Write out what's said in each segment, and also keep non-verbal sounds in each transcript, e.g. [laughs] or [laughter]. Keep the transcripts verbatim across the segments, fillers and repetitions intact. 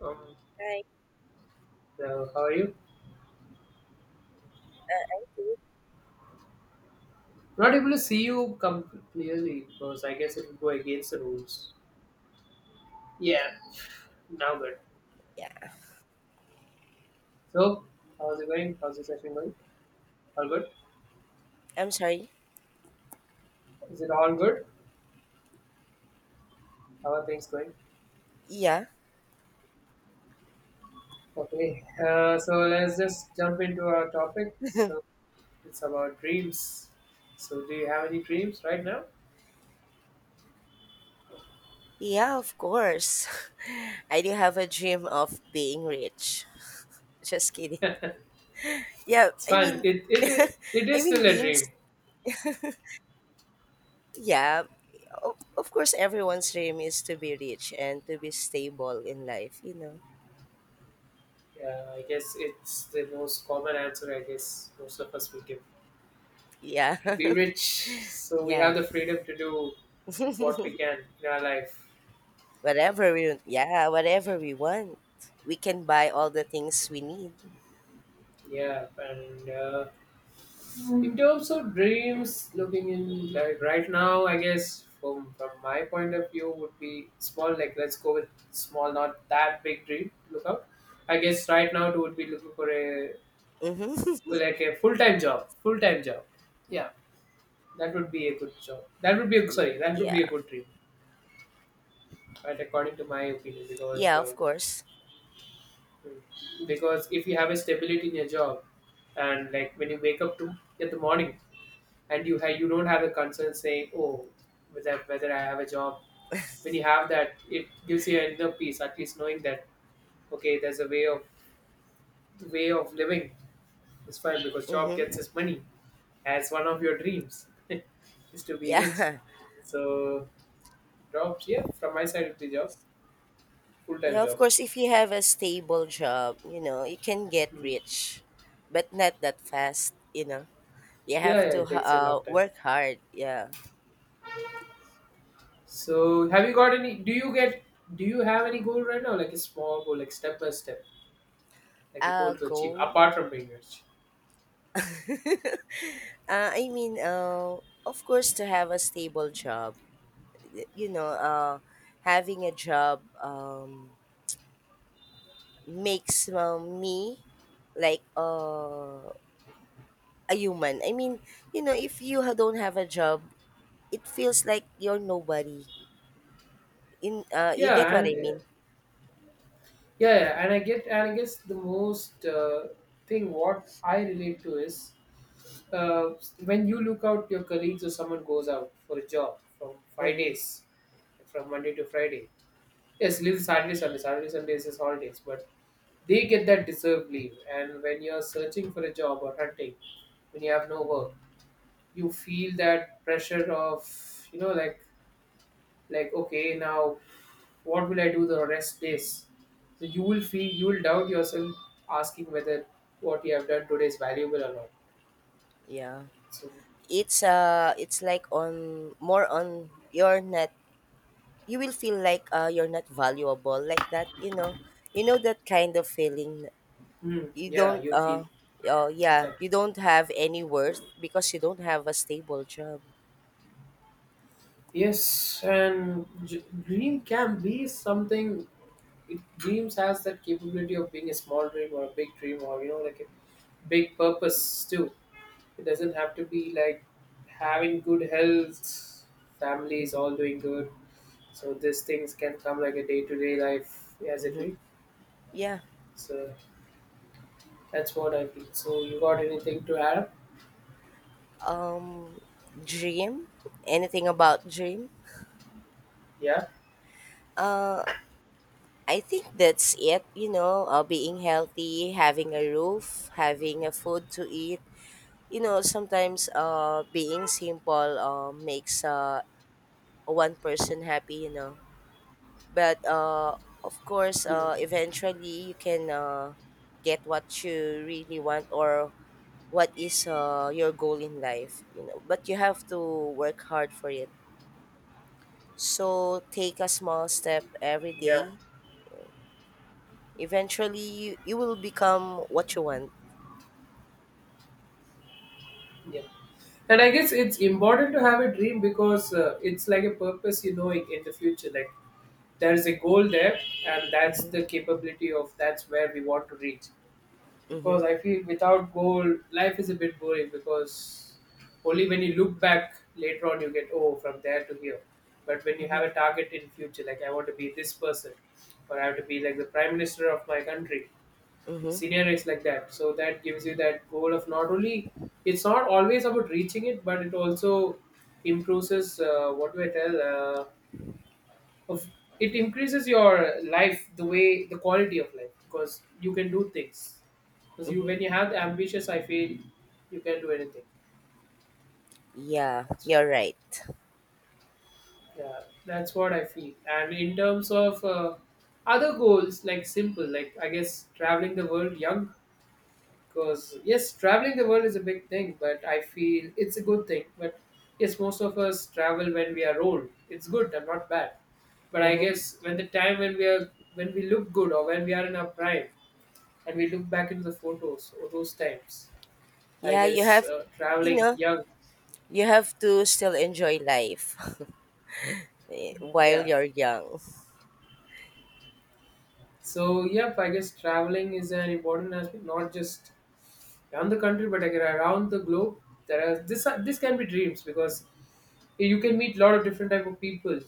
Um, Like, so how are you? uh, I do. Not able to see you come clearly because I guess it would go against the rules. Yeah, now good. Yeah, So, how's it going? How's the session going? All good? I'm sorry. Is it all good? How are things going? Yeah, Okay, uh, so let's just jump into our topic. So, it's about dreams. So, do you have any dreams right now? [laughs] yeah, of course. [laughs] I do have a dream of being rich. Just kidding. [laughs] It's Yeah, I fine. mean, It, [laughs] it, it, it I is still mean, a being, dream. s- yeah, of, of course, everyone's dream is to be rich and to be stable in life, you know. Yeah, I guess it's the most common answer, I guess, most of us will give. To be Yeah, [laughs] rich so we have yeah. the freedom to do what we [laughs] can in our life. Whatever we, yeah, whatever we want, we can buy all the things we need. Yeah, and uh, in terms of dreams looking in, like right now I guess, from from my point of view would be small, like let's go with small, not that big dream to look out. I guess right now it would be looking for a, Mm-hmm. for like a full-time job, full-time job. Yeah, that would be a good job, that would be a, [laughs] sorry, that would Yeah, be a good dream, right? According to my opinion, because yeah, uh, of course. because if you have a stability in your job, and like when you wake up to, in the morning, and you have, you don't have the concern saying, oh, whether whether I have a job. When you have that, it gives you another peace, at least knowing that, okay, there's a way of, the way of living is fine, because job Mm-hmm. gets us money, as one of your dreams [laughs] is to [laughs] be rich. Yeah, So, jobs, yeah, from my side of the job, full time yeah, of job. course, if you have a stable job, you know, you can get Hmm. rich, but not that fast, you know. You Yeah, have yeah, to it h- takes a uh, long time. work hard, yeah. So have you got any? Do you get? Do you have any goal right now? Like a small goal, like step by step, like a goal Uh, to achieve goal? apart from being rich. [laughs] Uh, I mean, uh, of course, to have a stable job, y- you know, uh, having a job um, makes uh, me like uh, a human. I mean, you know, if you ha- don't have a job, it feels like you're nobody. In uh, you get Yeah, what and I uh, mean? yeah, yeah, and I get, and I guess the most uh, thing what I relate to is, uh, when you look out your colleagues or someone goes out for a job from five Mm-hmm. days, from Monday to Friday. Yes, leave Saturday, Sunday. Saturday, Sunday is his holidays, but they get that deserved leave. And when you're searching for a job or hunting, when you have no work, you feel that pressure of, you know, like like okay, now what will I do the rest days? So you will feel, you will doubt yourself asking whether what you have done today is valuable or not. Yeah. So, It's uh it's like on more on you're not you will feel like uh you're not valuable like that, you know. You know that kind of feeling. hmm, You yeah, don't you'll uh feel, oh yeah, exactly, you don't have any worth because you don't have a stable job. yes. And j- dream can be something, it, dreams has that capability of being a small dream or a big dream, or you know, like a big purpose too. It doesn't have to be like having good health, family is Mhm. all doing good. So these things can come like a day to day life as it Mhm. will. Yeah. So that's what I feel. So you got anything to add? Um dream? Anything about dream? Yeah. Uh I think that's it, you know, uh, being healthy, having a roof, having a food to eat, you know Sometimes uh being simple uh, makes uh one person happy you know but uh Of course uh Hmm. eventually you can uh get what you really want or what is uh your goal in life you know but you have to work hard for it, so take a small step every Yeah. day. Eventually you, you will become what you want. Yeah. And I Mm-hmm. guess it's important to have a dream, because uh, it's like a purpose, you know, in, in the future. Like there is a goal there, and that's Mm-hmm. the capability of, that's where we want to reach. Because I feel without goal, life is a bit boring, because only when you look back later on, you get, oh, from there to here. But when you Mm-hmm. have a target in future, like I want to be this person, or I have to be like the prime minister of my country, Mm-hmm. scenarios like that. So that gives you that goal of, not only, it's not always about reaching it, but it also improves, uh, what do I tell? Uh, of, it increases your life, the way, the quality of life, because you can do things, because you, Mm-hmm. when you have the ambitious, I feel you can do anything. Yeah, That's- you're right. yeah, that's what I feel. And in terms of uh, other goals, like simple, like I guess traveling the world young, because yes, traveling the world is a big thing, but I feel it's a good thing. But yes, most of us travel when we are old, it's good and not bad, but I Mm-hmm. guess when the time, when we are, when we look good, or when we are in our prime, and we look back into the photos of those times, I Yeah, you guess have, uh, you traveling know, young, you have to still enjoy life [laughs] eh, while yeah. you're young. So yep, I guess traveling is an important aspect, not just around the country but again around the globe. There are this are- this can be dreams, because you can meet a lot of different type of people,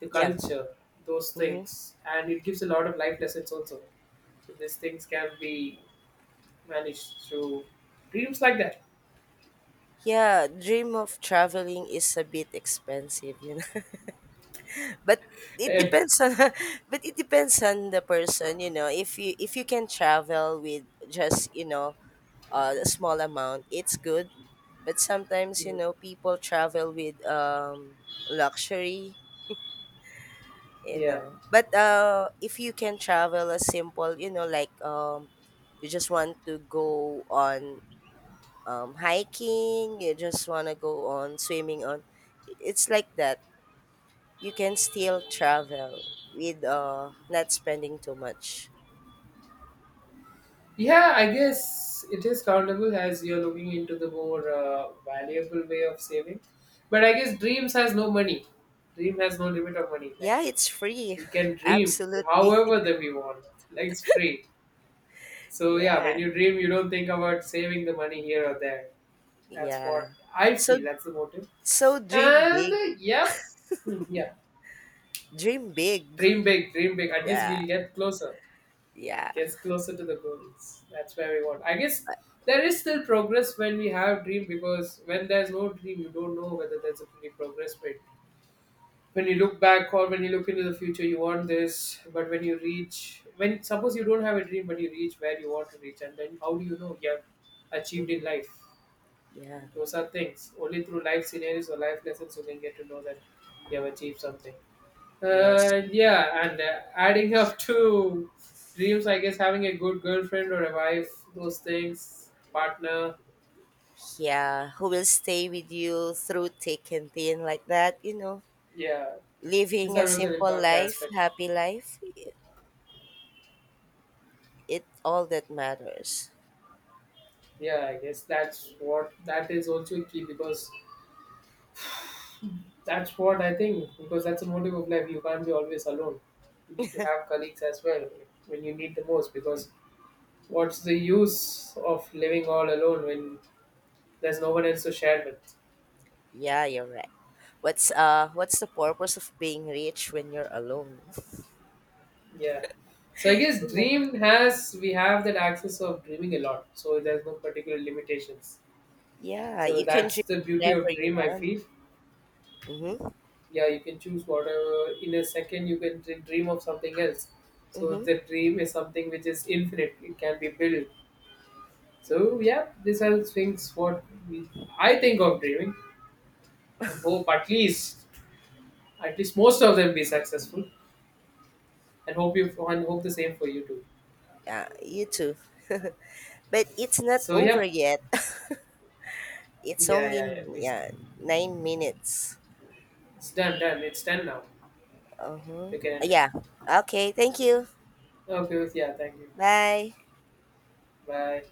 the Yeah. culture, those Hmm. things, and it gives a lot of life lessons also. So these things can be managed through dreams like that. [laughs] Yeah, dream of traveling is a bit expensive, you know. [laughs] but it Eh, depends on [laughs] but it depends on the person, you know. If you if you can travel with just, you know, uh, a small amount, it's good. But sometimes, you mm, know, people travel with um luxury, you yeah. know. But uh If you can travel a simple, you know, like um you just want to go on um hiking, you just want to go on swimming on, it's like that, you can still travel with uh not spending too much. Yeah, I guess it is countable as you're looking into the more uh, valuable way of saving. But I guess dreams has no money. Dream has no limit of money. Like Yeah, it's free. we can [laughs] dream Absolutely. however that we want. Like it's free. [laughs] So yeah, when Yeah, you dream, you don't think about saving the money here or there. That's yeah. what I so feel. That's the motive. so dream And big, uh, yep, hmm, yeah, dream big. dream big, dream big. [laughs] At least Yeah, we'll get closer. yeah. Gets closer to the goals. That's where we want. I guess there is still progress when we have dream, because when there's no dream, you don't know whether there's any progress. But when you look back or when you look into the future, you want this. But when you reach, when suppose you don't have a dream, but you reach where you want to reach, and then how do you know you have achieved Hmm. in life? Yeah. Those are things. Only through life scenarios or life lessons you can get to know that you have achieved something. Yes. Uh, yeah, and uh, adding up to dreams, I guess having a good girlfriend or a wife, those things, partner, Yeah, who will stay with you through thick and thin like that, you know, yeah, these living a are also an simple important life, aspect. happy life, it, it all that matters. Yeah, I guess that's what, that is also key, because that's what I think, because that's the motive of life. You can't be always alone. You need to have colleagues as well when you need the most, because what's the use of living all alone when there's no one else to share with? Yeah, you're right. What's uh what's the purpose of being rich when you're alone? Yeah. So I guess You know. dream has, we have that access of dreaming a lot. So there's no particular limitations. Yeah, So you can that's dream the beauty whatever of you dream I want. feel. Mhm. Yeah, you can choose whatever, in a second you can dr- dream of something else. So Mhm. the dream is something which is infinite. It can be built. So yeah, these are the things what we, I think of dreaming, and hope at least, at least most of them be successful. And hope you, and hope the same for you too. Yeah, you too. [laughs] But it's not So over yeah, yet. [laughs] it's yeah, yeah, only yeah. It's, yeah, nine minutes. it's done, done. It's done now. Uh-huh. You can end it. Yeah. Okay, thank you. Okay, yeah. Thank you. Bye. Bye.